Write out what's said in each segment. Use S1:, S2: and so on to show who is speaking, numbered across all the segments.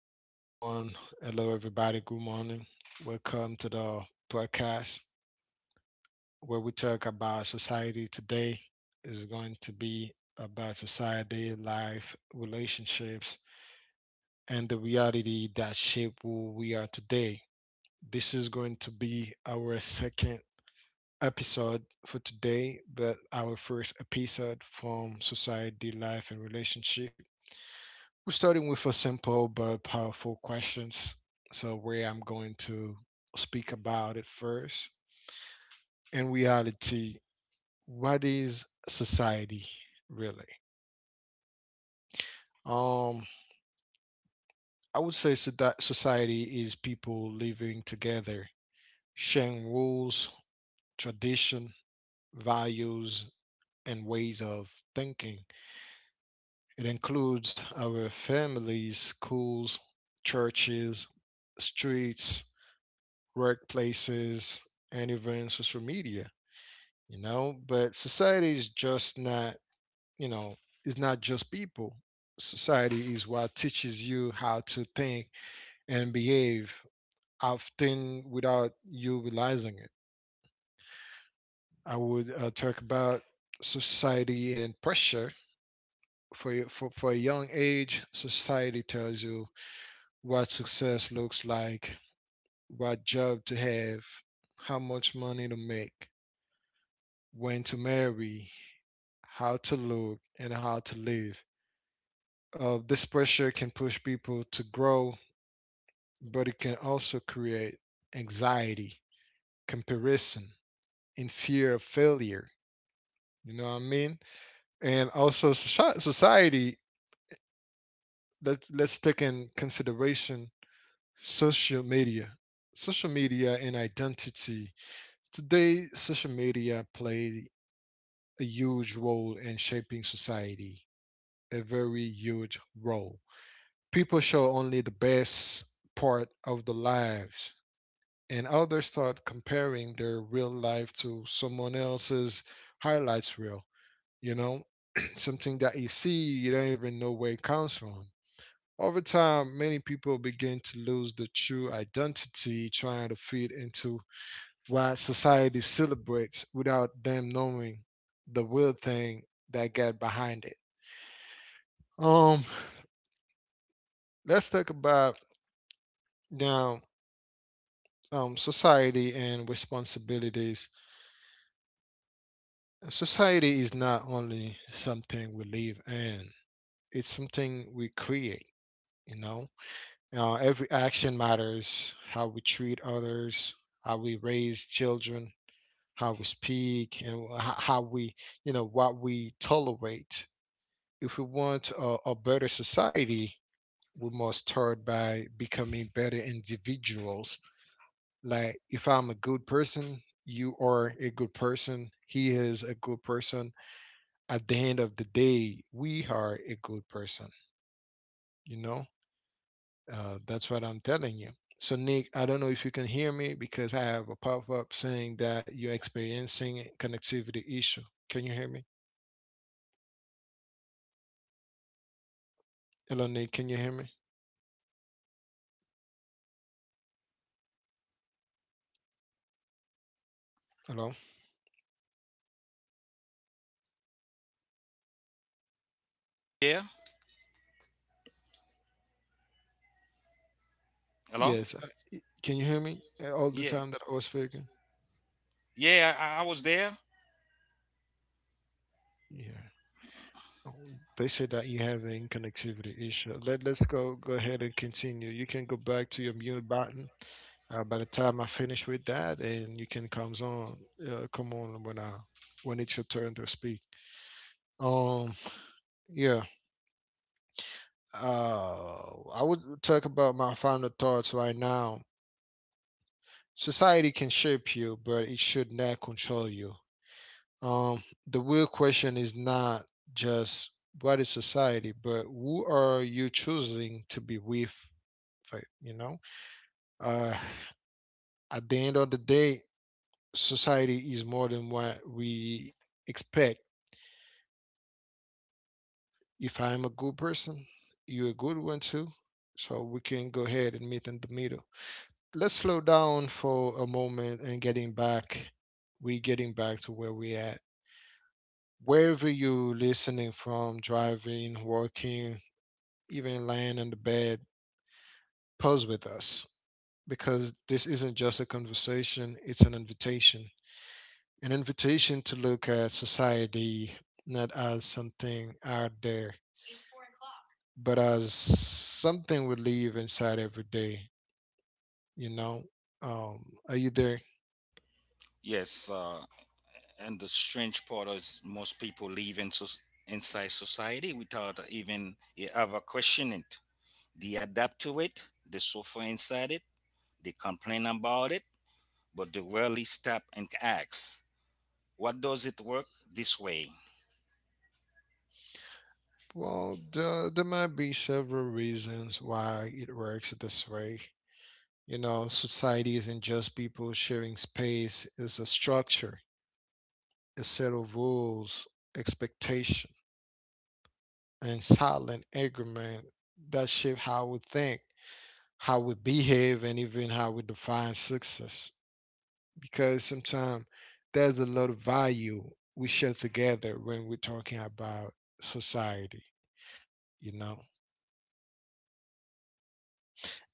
S1: Hello, everyone. Hello, everybody. Good morning. Welcome to the podcast where we talk about society today. Is going to be about society, life, relationships, and the reality that shape who we are today. This is going to be our second episode for today, but our first episode from society, life, and relationship. We're starting with a simple but powerful questions. So where I'm going to speak about it first. In reality, what is society really? Um, I would say so that society is people living together, sharing rules, tradition, values, and ways of thinking. It includes our families, schools, churches, streets, workplaces, and even social media, But society is just not, you know, is not just people. Society is what teaches you how to think and behave, often without you realizing it. I would talk about society and pressure. For a young age, society tells you what success looks like, what job to have, how much money to make when to marry, how to look, and how to live. This pressure can push people to grow, but it can also create anxiety, comparison, and fear of failure. You know what I mean? And also society. Let's take in consideration social media, social media and identity. Today, social media play a huge role in shaping society. A very huge role. People show only the best part of the lives, and others start comparing their real life to someone else's highlights reel, you know, something that you see, you don't even know where it comes from. Over time, many people begin to lose the true identity trying to fit into what society celebrates without them knowing the real thing that got behind it. Um, let's talk about now society and responsibilities. Society is not only something we live in, it's something we create, you know? Every action matters how we treat others, how we raise children, how we speak, and how we, you know, what we tolerate. If we want a better society, we must start by becoming better individuals like if I'm a good person, you are a good person, he is a good person, at the end of the day we are a good person, you know. That's what I'm telling you. So Nick, I don't know if you can hear me because I have a pop-up saying that you're experiencing a connectivity issue. Can you hear me? Hello Nick, can you hear me? Hello?
S2: Are you there? Hello?
S1: Yes, can you hear me all the
S2: Yeah.
S1: time that I was speaking?
S2: Yeah, I was there.
S1: Yeah. They said that you having connectivity issue. Let's go ahead and continue. You can go back to your mute button. By the time I finish with that, and you can come on, come on when I when it's your turn to speak. Um, yeah. I would talk about my final thoughts right now. Society can shape you, but it should not control you. The real question is not just what is society, but who are you choosing to be with fight, you know. uh, at the end of the day, society is more than what we expect. If I'm a good person, you're a good one too, so we can go ahead and meet in the middle. Let's slow down for a moment and getting back, we getting back to where we at. Wherever you listening from, driving, working, even lying in the bed, pause with us, because this isn't just a conversation, it's an invitation. An invitation to look at society not as something out there, but as something we live inside every day. You know, are you there?
S2: Yes, and the strange part is most people live in inside society without ever questioning it. They adapt to it, they suffer inside it, they complain about it, but they rarely stop and ask, what does it work this way?
S1: Well, there might be several reasons why it works this way. You know, society isn't just people sharing space, it's a structure, a set of rules, expectation, and silent agreement that shape how we think, how we behave, and even how we define success. Because sometimes there's a lot of value we share together when we're talking about society, you know?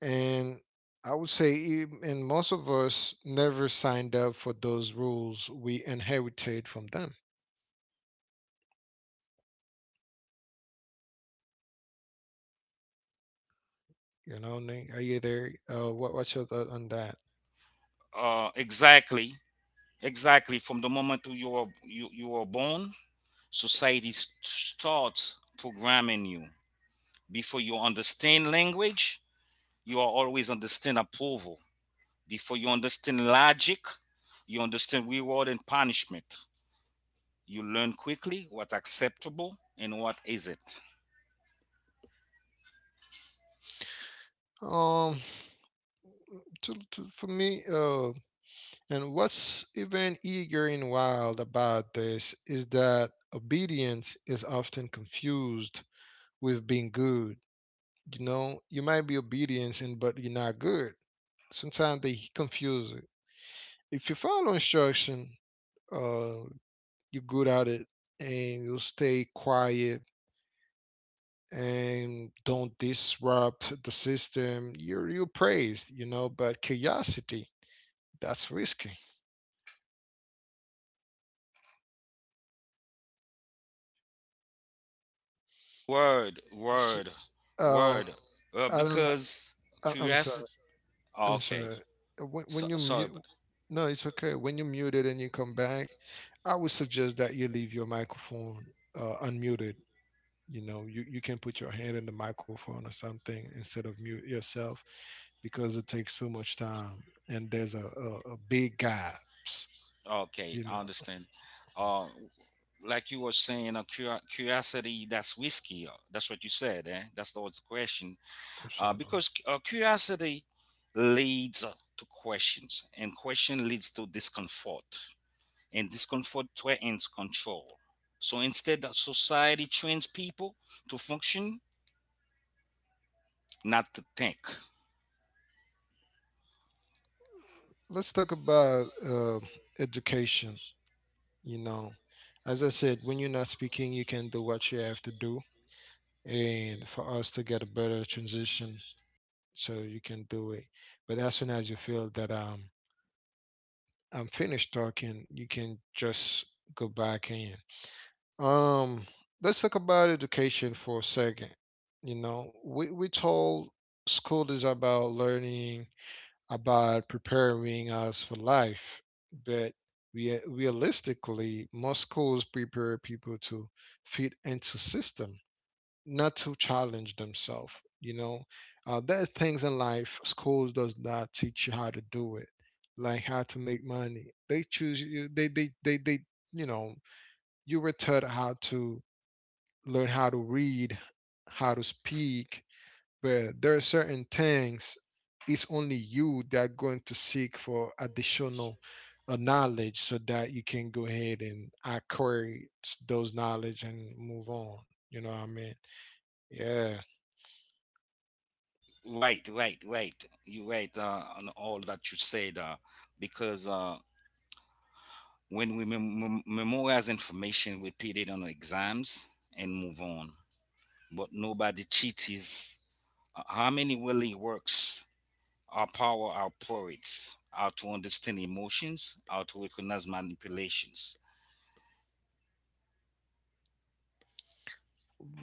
S1: And I would say, and most of us never signed up for those rules we inherited from them. You know, Nick? Are you there? What's your thought on that?
S2: Exactly, exactly. From the moment you are born, society starts programming you. Before you understand language, you are always understand approval. Before you understand logic, you understand reward and punishment. You learn quickly what acceptable and what isn't.
S1: Um, for me, and what's even eager and wild about this is that obedience is often confused with being good. You know, you might be obedient and but you're not good. Sometimes they confuse it. If you follow instruction, uh, you're good at it, and you stay quiet and don't disrupt the system. You praised, you know. But curiosity, that's risky.
S2: Word,
S1: S
S2: word,
S1: um,
S2: word.
S1: I don't know.
S2: Because
S1: I- I'm sorry.
S2: curiosity. Oh,
S1: I'm
S2: okay.
S1: sorry.
S2: So,
S1: When you
S2: sorry,
S1: mute,
S2: but
S1: no, it's okay. When you mute it and you come back, I would suggest that you leave your microphone unmuted. You can put your hand in the microphone or something instead of mute yourself because it takes so much time and there's a big gaps.
S2: Okay,
S1: You
S2: I
S1: know,
S2: understand. Uh, like you were saying, a curiosity that's whiskey. That's what you said, eh? That's the old question.
S1: I'm sorry.
S2: Because Curiosity leads to questions, and question leads to discomfort, and discomfort threatens control. So instead that society trains people to function, not to think.
S1: Let's talk about education. You know, as I said, when you're not speaking, you can do what you have to do. And for us to get a better transition so you can do it. But as soon as you feel that I'm finished talking, you can just go back in. Um, let's talk about education for a second. You know, we told school is about learning, about preparing us for life, but we realistically most schools prepare people to fit into system not to challenge themselves. You know, there are things in life schools does not teach you how to do it, like how to make money. They choose you. They they. You know, you were taught how to learn how to read, how to speak, but there are certain things it's only you that are going to seek for additional knowledge so that you can go ahead and acquire those knowledge and move on. You know what I mean? Yeah.
S2: Right, right, right, you right, on all that you said. Because When we memorize information, we put it on exams and move on, but nobody cheats. How many really works? Our power operates out to understand emotions, out to recognize manipulations.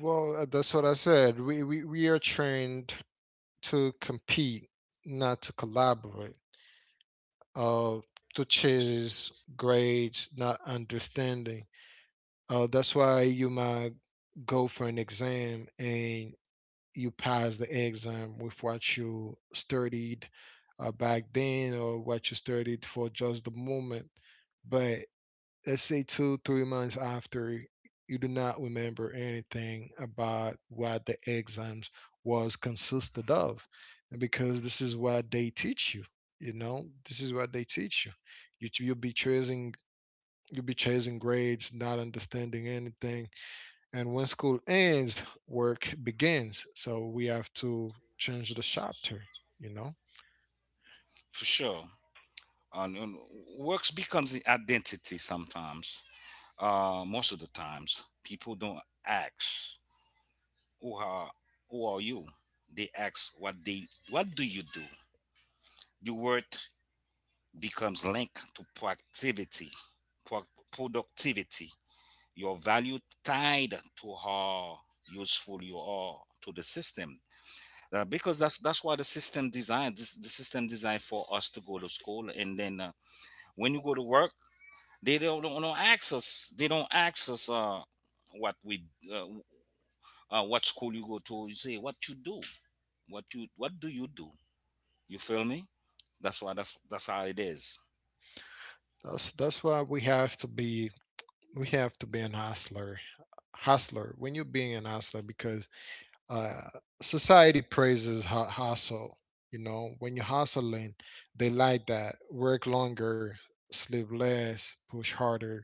S1: Well, that's what I said. We are trained to compete, not to collaborate, uh, to chase grades, not understanding. That's why you might go for an exam and you pass the exam with what you studied back then or what you studied for just the moment. But let's say two, 3 months after, you do not remember anything about what the exams was consisted of. Because this is what they teach you, you know, this is what they teach you. You'll be chasing, you'll be chasing grades, not understanding anything. And when school ends, work begins. So we have to change the chapter, you know?
S2: For sure. And works becomes the identity sometimes. Most of the times, people don't ask who are who are you. They ask what do you do. The word becomes linked to proactivity, pro- productivity. Your value tied to how useful you are to the system. Because That's why the system designed this, the system designed for us to go to school, and then when you go to work, they don't access what we, uh, what school you go to, you say what you do, what do you do, you feel me? That's why, that's how it is.
S1: That's why we have to be, we have to be an hustler, hustler. When you're being an hustler because Uh, society praises hustle. You know, when you're hustling, they like that. Work longer, sleep less, push harder,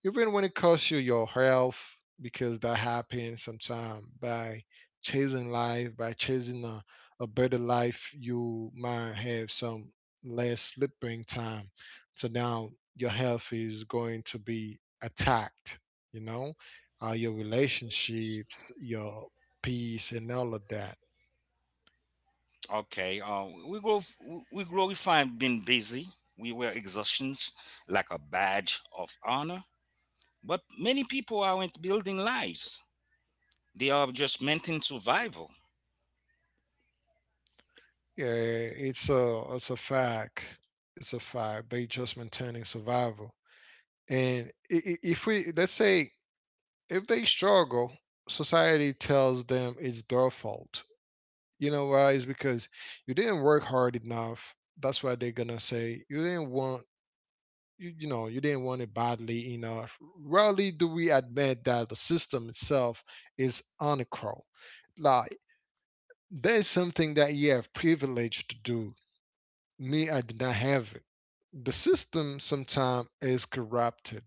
S1: even when it costs you your health, because that happens sometimes by chasing life, by chasing a better life. You might have some less sleeping time, so now your health is going to be attacked, you know. Your relationships, your peace, and all of that.
S2: Okay. We grow, we glorify being busy, we wear exhaustions like a badge of honor, but many people aren't building lives, they are just meant in survival.
S1: Yeah, it's a fact, it's a fact. They just maintaining survival. And if we, let's say, if they struggle, society tells them it's their fault. You know why? It's because you didn't work hard enough. That's why they're gonna say you didn't want you know, you didn't want it badly enough. Rarely do we admit that the system itself is unequal. Like there's something that you have privilege to do. Me, I did not have it. The system sometimes is corrupted.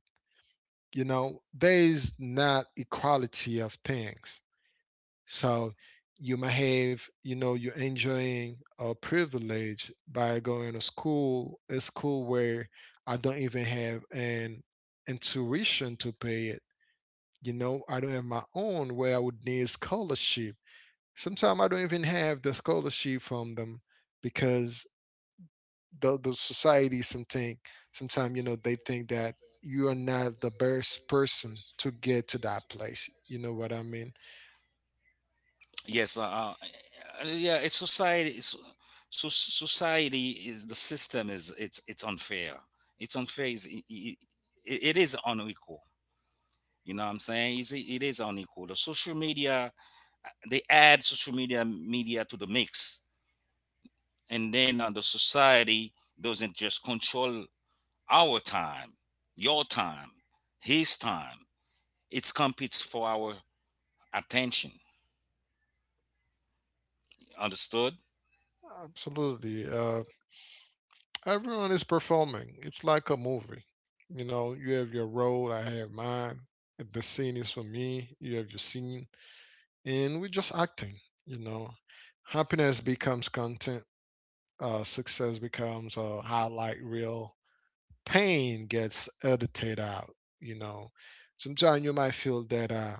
S1: You know, there is not equality of things. So you might have, you know, you're enjoying a privilege by going to school, a school where I don't even have an tuition to pay it. You know, I don't have my own where I would need scholarship. Sometimes I don't even have the scholarship from them because the society something sometimes, you know, they think that you are not the best person to get to that place. You know what I mean?
S2: Yes, yeah. It's society. So society is, the system is, it's unfair. It's unfair. It is unequal. You know what I'm saying? It is unequal. The social media, they add social media to the mix, and then the society doesn't just control our time, your time, his time. It competes for our attention. Understood?
S1: Absolutely. Everyone is performing. It's like a movie. You know, you have your role, I have mine. The scene is for me, you have your scene. And we're just acting, you know. Happiness becomes content, success becomes a highlight reel, pain gets edited out you know Sometimes you might feel that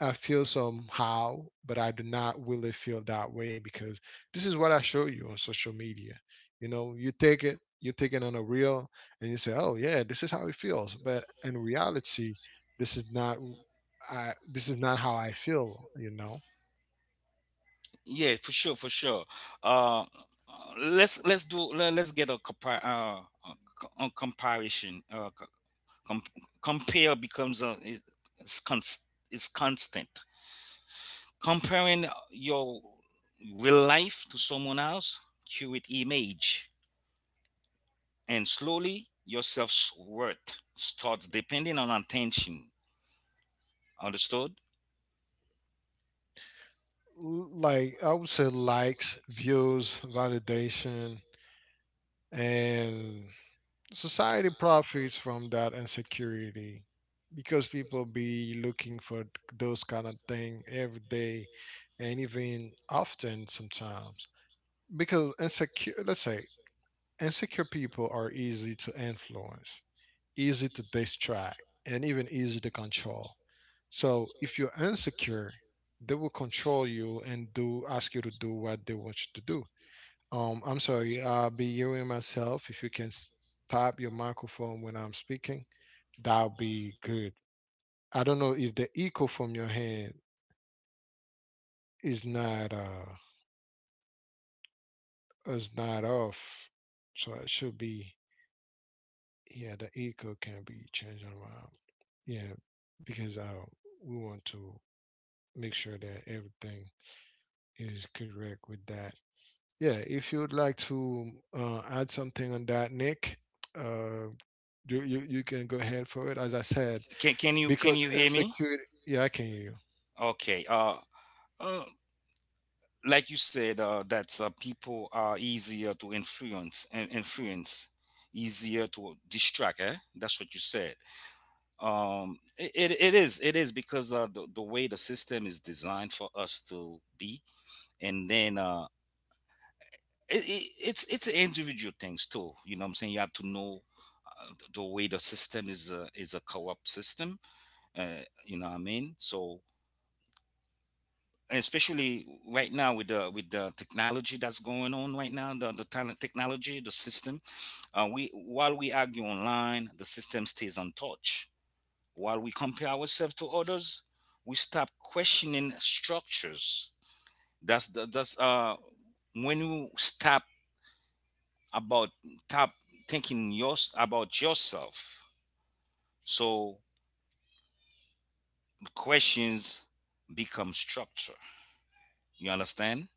S1: I feel somehow, but I do not really feel that way because this is what I show you on social media. You know, you take it, you take it on a reel and you say, oh yeah, this is how it feels, but in reality this is not w- I this is not how I feel.
S2: Yeah, for sure, for sure. Uh, let's get a a comparison. Com- Compare becomes a is const is constant. Comparing your real life to someone else, curate image, and slowly your self worth starts depending on attention. Understood?
S1: Like I would say likes, views, validation, and society profits from that insecurity because people be looking for those kind of thing every day and even often sometimes. Because insecure, let's say, insecure people are easy to influence, easy to distract, and even easy to control. So if you're insecure, they will control you and do ask you to do what they want you to do. I'm sorry, I'll be hearing myself. If you can stop your microphone when I'm speaking, that'll be good. I don't know if the echo from your hand is not uh is not off, so it should be. Yeah, the echo can be changed around. Yeah, because we want to make sure that everything is correct with that. Yeah, if you would like to add something on that, Nick, uh, you, you can go ahead for it. As I said
S2: Can can
S1: because
S2: you hear me?
S1: insecurity. Yeah, I can hear you.
S2: Okay. Uh, like you said, that people are easier to influence, easier to distract. Eh? That's what you said. It is, it is, because the way the system is designed for us to be, and then it's individual things too. You know what I'm saying? You have to know. The way the system is is a corrupt system, you know what I mean. So, and especially right now, with the technology that's going on right now, the talent technology, the system, we, while we argue online, the system stays untouched, while we compare ourselves to others, we stop questioning structures. That's the, that's When you stop about stop thinking yours about yourself, so questions become structure, you understand.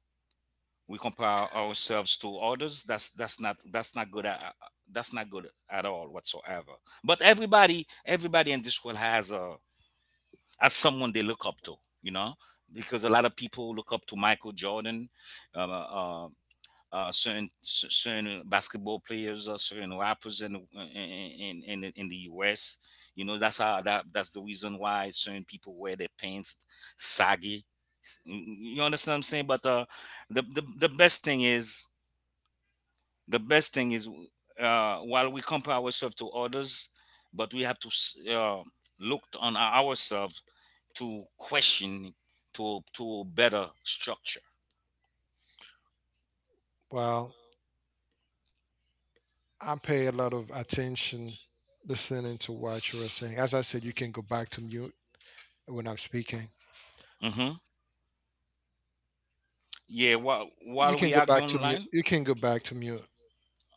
S2: We compare ourselves to others, that's not good that's not good at all whatsoever. But everybody, everybody in this world has a, has someone they look up to, you know. Because a lot of people look up to Michael Jordan, um, uh, certain certain basketball players, or certain rappers in, in the U.S. You know, that's how, that's the reason why certain people wear their pants saggy. You you understand what I'm saying? But the best thing is, the best thing is while we compare ourselves to others, but we have to look on ourselves to question, to a better structure.
S1: Well, I pay a lot of attention listening to what you were saying. As I said, you can go back to mute when I'm speaking.
S2: Mm-hmm. Yeah, while
S1: You can
S2: we
S1: go
S2: argue
S1: back to mute.
S2: online.
S1: You can go back to mute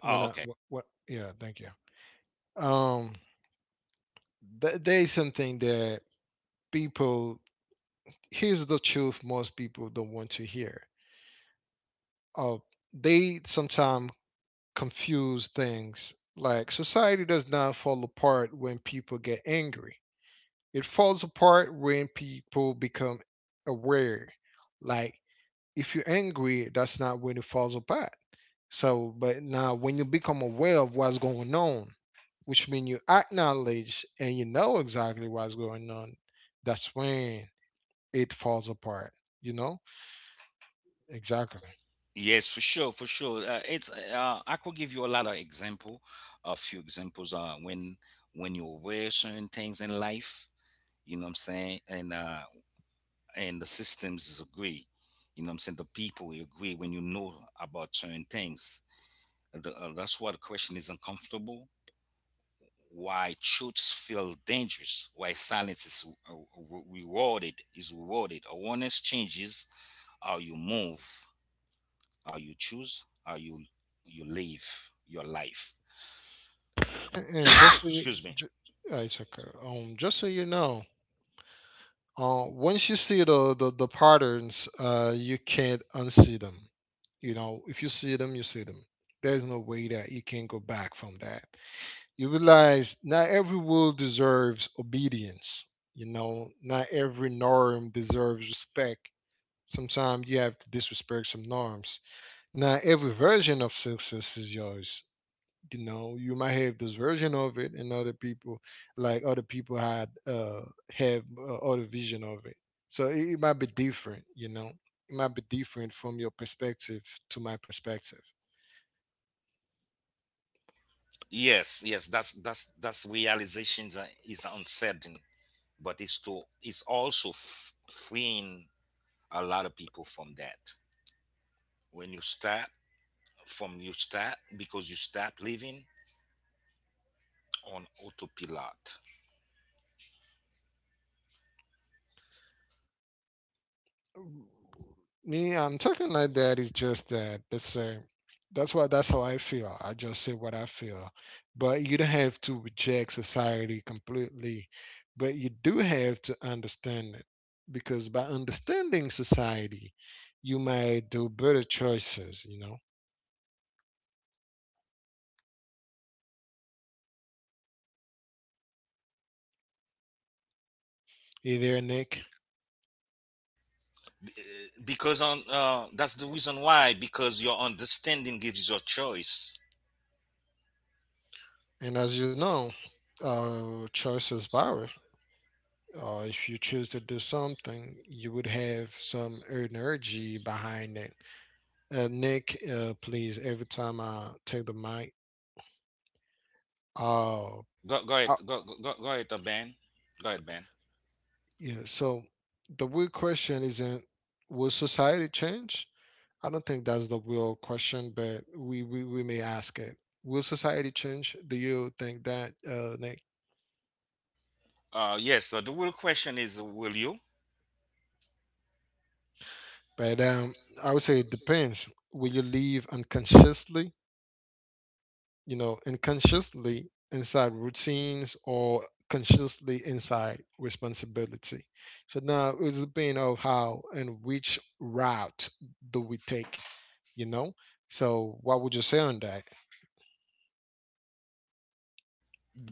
S1: when
S2: Oh,
S1: I.
S2: okay.
S1: What? What yeah. Thank you. Um. There is something that people, here's the truth most people don't want to hear. Uh, they sometimes confuse things like society does not fall apart when people get angry. It falls apart when people become aware. Like if you're angry, that's not when it falls apart. So, but now when you become aware of what's going on, which means you acknowledge and you know exactly what's going on, that's when it falls apart. You know exactly.
S2: Yes, for sure, for sure. It's I could give you a lot of example, a few examples. When you aware certain things in life, you know what I'm saying, and the systems agree, you know what I'm saying. The people will agree when you know about certain things. That's why the question is uncomfortable. Why truths feel dangerous? Why silence is rewarded? Is rewarded? Awareness changes how you move, how you choose, how you live your life.
S1: And just so you,
S2: Excuse me.
S1: ju- it's okay. Just so you know, once you see the patterns, you can't unsee them. You know, if you see them, you see them. There's no way that you can go back from that. You realize not every rule deserves obedience. You know, not every norm deserves respect. Sometimes you have to disrespect some norms. Not every version of success is yours. You know, you might have this version of it and other people, like other people had have other vision of it, so it might be different. You know, it might be different from your perspective to my perspective.
S2: Yes, yes, that's realizations is uncertain, but it's also freeing a lot of people from that. When you start, from you start, because you start living on autopilot.
S1: Me, I'm talking like that. It's just that the same. That's why. That's how I feel. I just say what I feel. But you don't have to reject society completely. But you do have to understand it, because by understanding society, you might do better choices. You know. Hey there, Nick.
S2: Eh, because on That's the reason why, because your understanding gives you a choice.
S1: And as you know, choice is power. If you choose to do something, you would have some energy behind it. Nick, please, every time I take the mic. Oh, I,
S2: Go ahead, Ben. Go ahead, Ben.
S1: yeah, so the real question isn't will society change? I don't think that's the real question, but we may ask it. Will society change? Do you think that, Nick?
S2: Yes, the real question is, will you?
S1: But I would say it depends. Will you live unconsciously, you know, unconsciously inside routines or consciously inside responsibility? So now it's depending on how and which route do we take, you know? So what would you say on that?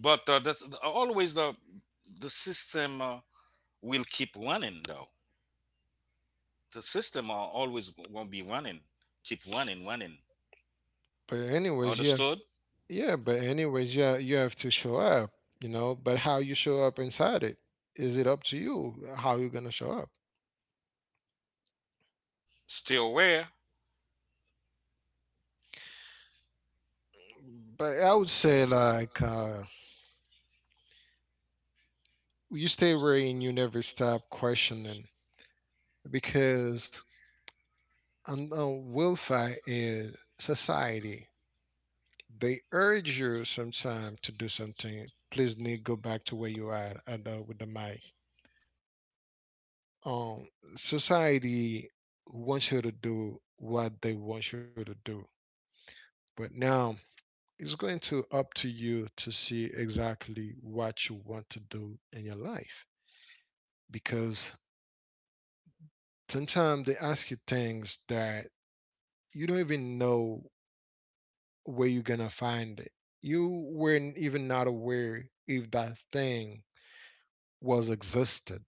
S2: But that's always the system, will keep running, though. The system are always won't be running, keep running, running.
S1: But anyways, yeah,
S2: Understood?
S1: yeah, but anyways, yeah, you have to show up, you know, but how you show up inside it, is it up to you how you're gonna show up?
S2: Stay aware?
S1: But I would say like you stay where and you never stop questioning, because and now welfare is society. They urge you sometimes to do something. Please, Nick, go back to where you are at, with the mic. Um, Society wants you to do what they want you to do, but now it's going to up to you to see exactly what you want to do in your life. Because sometimes they ask you things that you don't even know where you're gonna find it. You weren't even not aware if that thing was existed,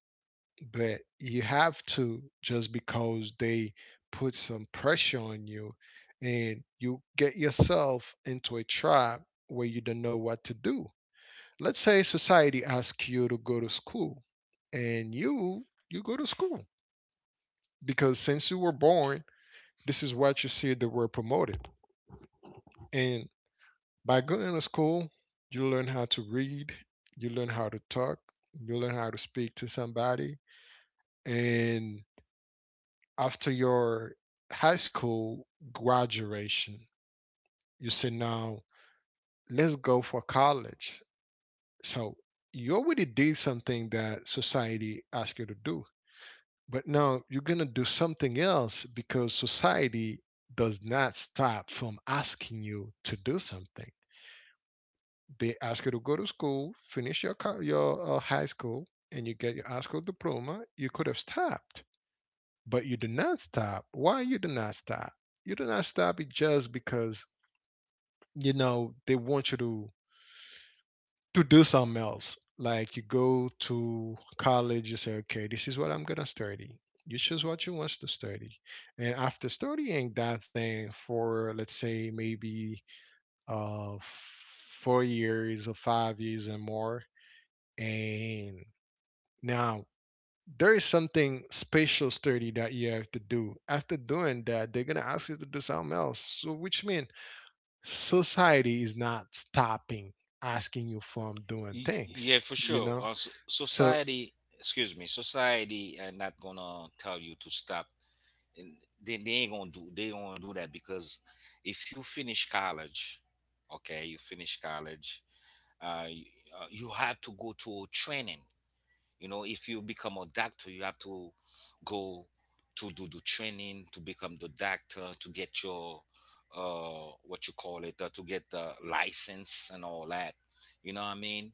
S1: but you have to just because they put some pressure on you and you get yourself into a trap where you don't know what to do. Let's say society asks you to go to school and you go to school because since you were born, this is what you see they were promoted. And by going to school, you learn how to read, you learn how to talk, you learn how to speak to somebody. And after your high school graduation, you say, now let's go for college. So you already did something that society asked you to do, but now you're going to do something else because society does not stop from asking you to do something. They ask you to go to school, finish your high school, and you get your high school diploma. You could have stopped, but you did not stop. Why you did not stop? You did not stop it just because you know they want you to do something else. Like you go to college, you say, okay, this is what I'm gonna study. You choose what you want to study, and after studying that thing for let's say maybe 4 years or 5 years and more. And now there is something spatial study that you have to do. After doing that, they're gonna ask you to do something else. So which means society is not stopping asking you from doing things,
S2: Yeah, for
S1: you
S2: sure.
S1: know? So
S2: Society, excuse me, society are not gonna tell you to stop. And they ain't gonna do, they gonna do that because if you finish college, okay, you finish college, uh, you, you have to go to a training. You know, if you become a doctor, you have to go to do the training to become the doctor to get your what you call it to get the license and all that. You know what I mean?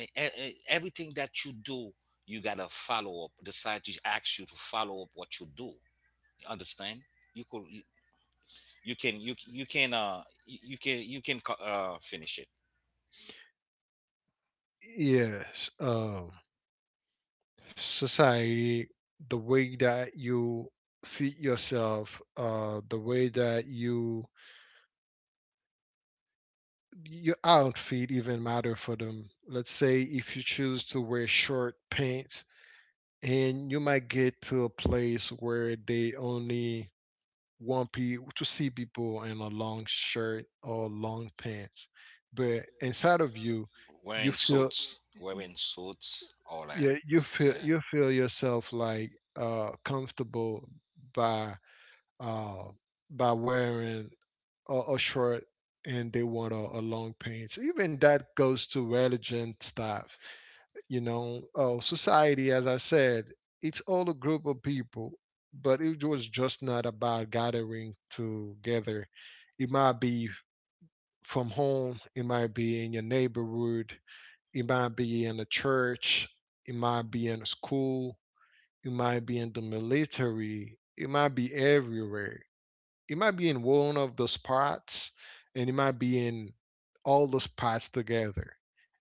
S2: Everything that you do, you gotta follow up. The scientist asks you to follow up what you do. You understand? You could you, you can you you can you you can co- finish it.
S1: yes, society, the way that you feed yourself, the way that you, your outfit even matter for them. Let's say if you choose to wear short pants and you might get to a place where they only want pe to see people in a long shirt or long pants, but inside of you you feel,
S2: Wearing suits, all that.
S1: yeah, you feel,
S2: Yeah.
S1: you feel yourself like comfortable by uh by wearing a short, and they want a long pants. Even that goes to religion stuff. You know, oh, society, as I said, it's all a group of people, but it was just not about gathering together. It might be from home, it might be in your neighborhood, it might be in a church, it might be in a school, it might be in the military, it might be everywhere, it might be in one of those parts, and it might be in all those parts together,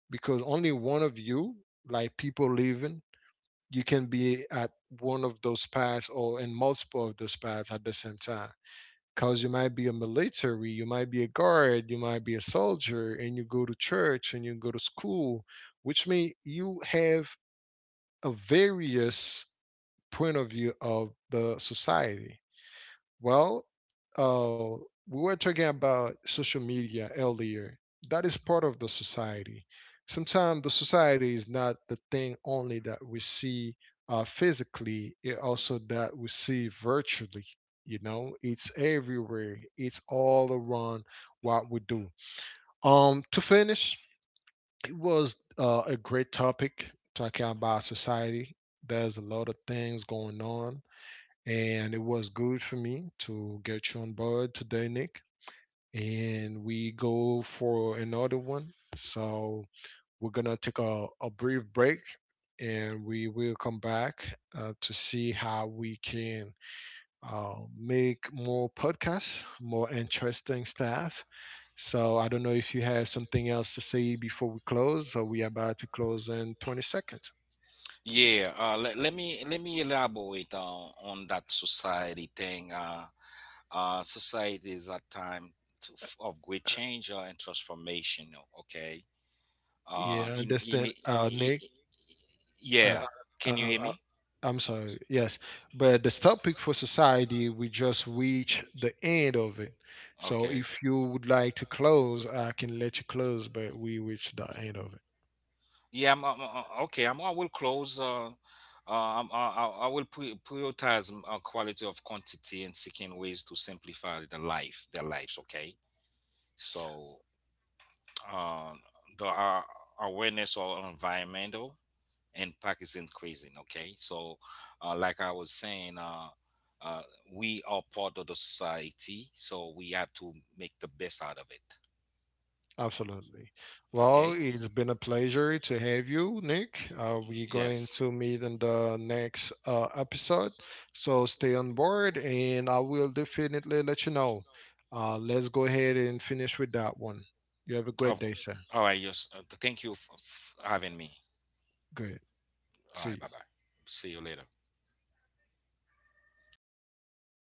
S1: because only one of you, like people living, you can be at one of those paths or in multiple of those paths at the same time, because you might be a military, you might be a guard, you might be a soldier, and you go to church and you go to school, which means you have a various point of view of the society. Well, uh, we were talking about social media earlier. That is part of the society. Sometimes the society is not the thing only that we see physically, it also that we see virtually. You know, it's everywhere. It's all around what we do. To finish, it was a great topic talking about society. There's a lot of things going on, and it was good for me to get you on board today, Nick. And we go for another one. So we're gonna take a brief break, and we will come back to see how we can make more podcasts, more interesting stuff. So I don't know if you have something else to say before we close. So we are about to close in 20 seconds.
S2: Yeah, let me elaborate on that society thing. Society is a time to, of great change and transformation. Okay.
S1: Yeah,
S2: Uh,
S1: I
S2: in, in
S1: understand,
S2: in
S1: Nick.
S2: yeah.
S1: uh, uh,
S2: Can you
S1: uh,
S2: hear
S1: uh,
S2: me?
S1: I'm sorry, yes. But the topic for society, we just reach the end of it. So
S2: Okay.
S1: if you would like to close, I can let you close, but we reached the end of it.
S2: Yeah, okay. I will close. I'm, I will prioritize quality of quantity and seeking ways to simplify the life, their lives. Okay, so uh, the awareness of environmental impact is increasing. Okay, so like I was saying, uh, we are part of the society, so we have to make the best out of it.
S1: Absolutely. Well,
S2: Okay.
S1: it's been a pleasure to have you, Nick. We're
S2: It's.
S1: going
S2: Yes.
S1: to meet in the next episode. So stay on board, and I will definitely let you know. Let's go ahead and finish with that one. You have a
S2: Oh,
S1: good day, sir.
S2: all right. Yes. Thank you for having me.
S1: Good.
S2: All
S1: See
S2: right.
S1: you.
S2: Bye bye. See you later.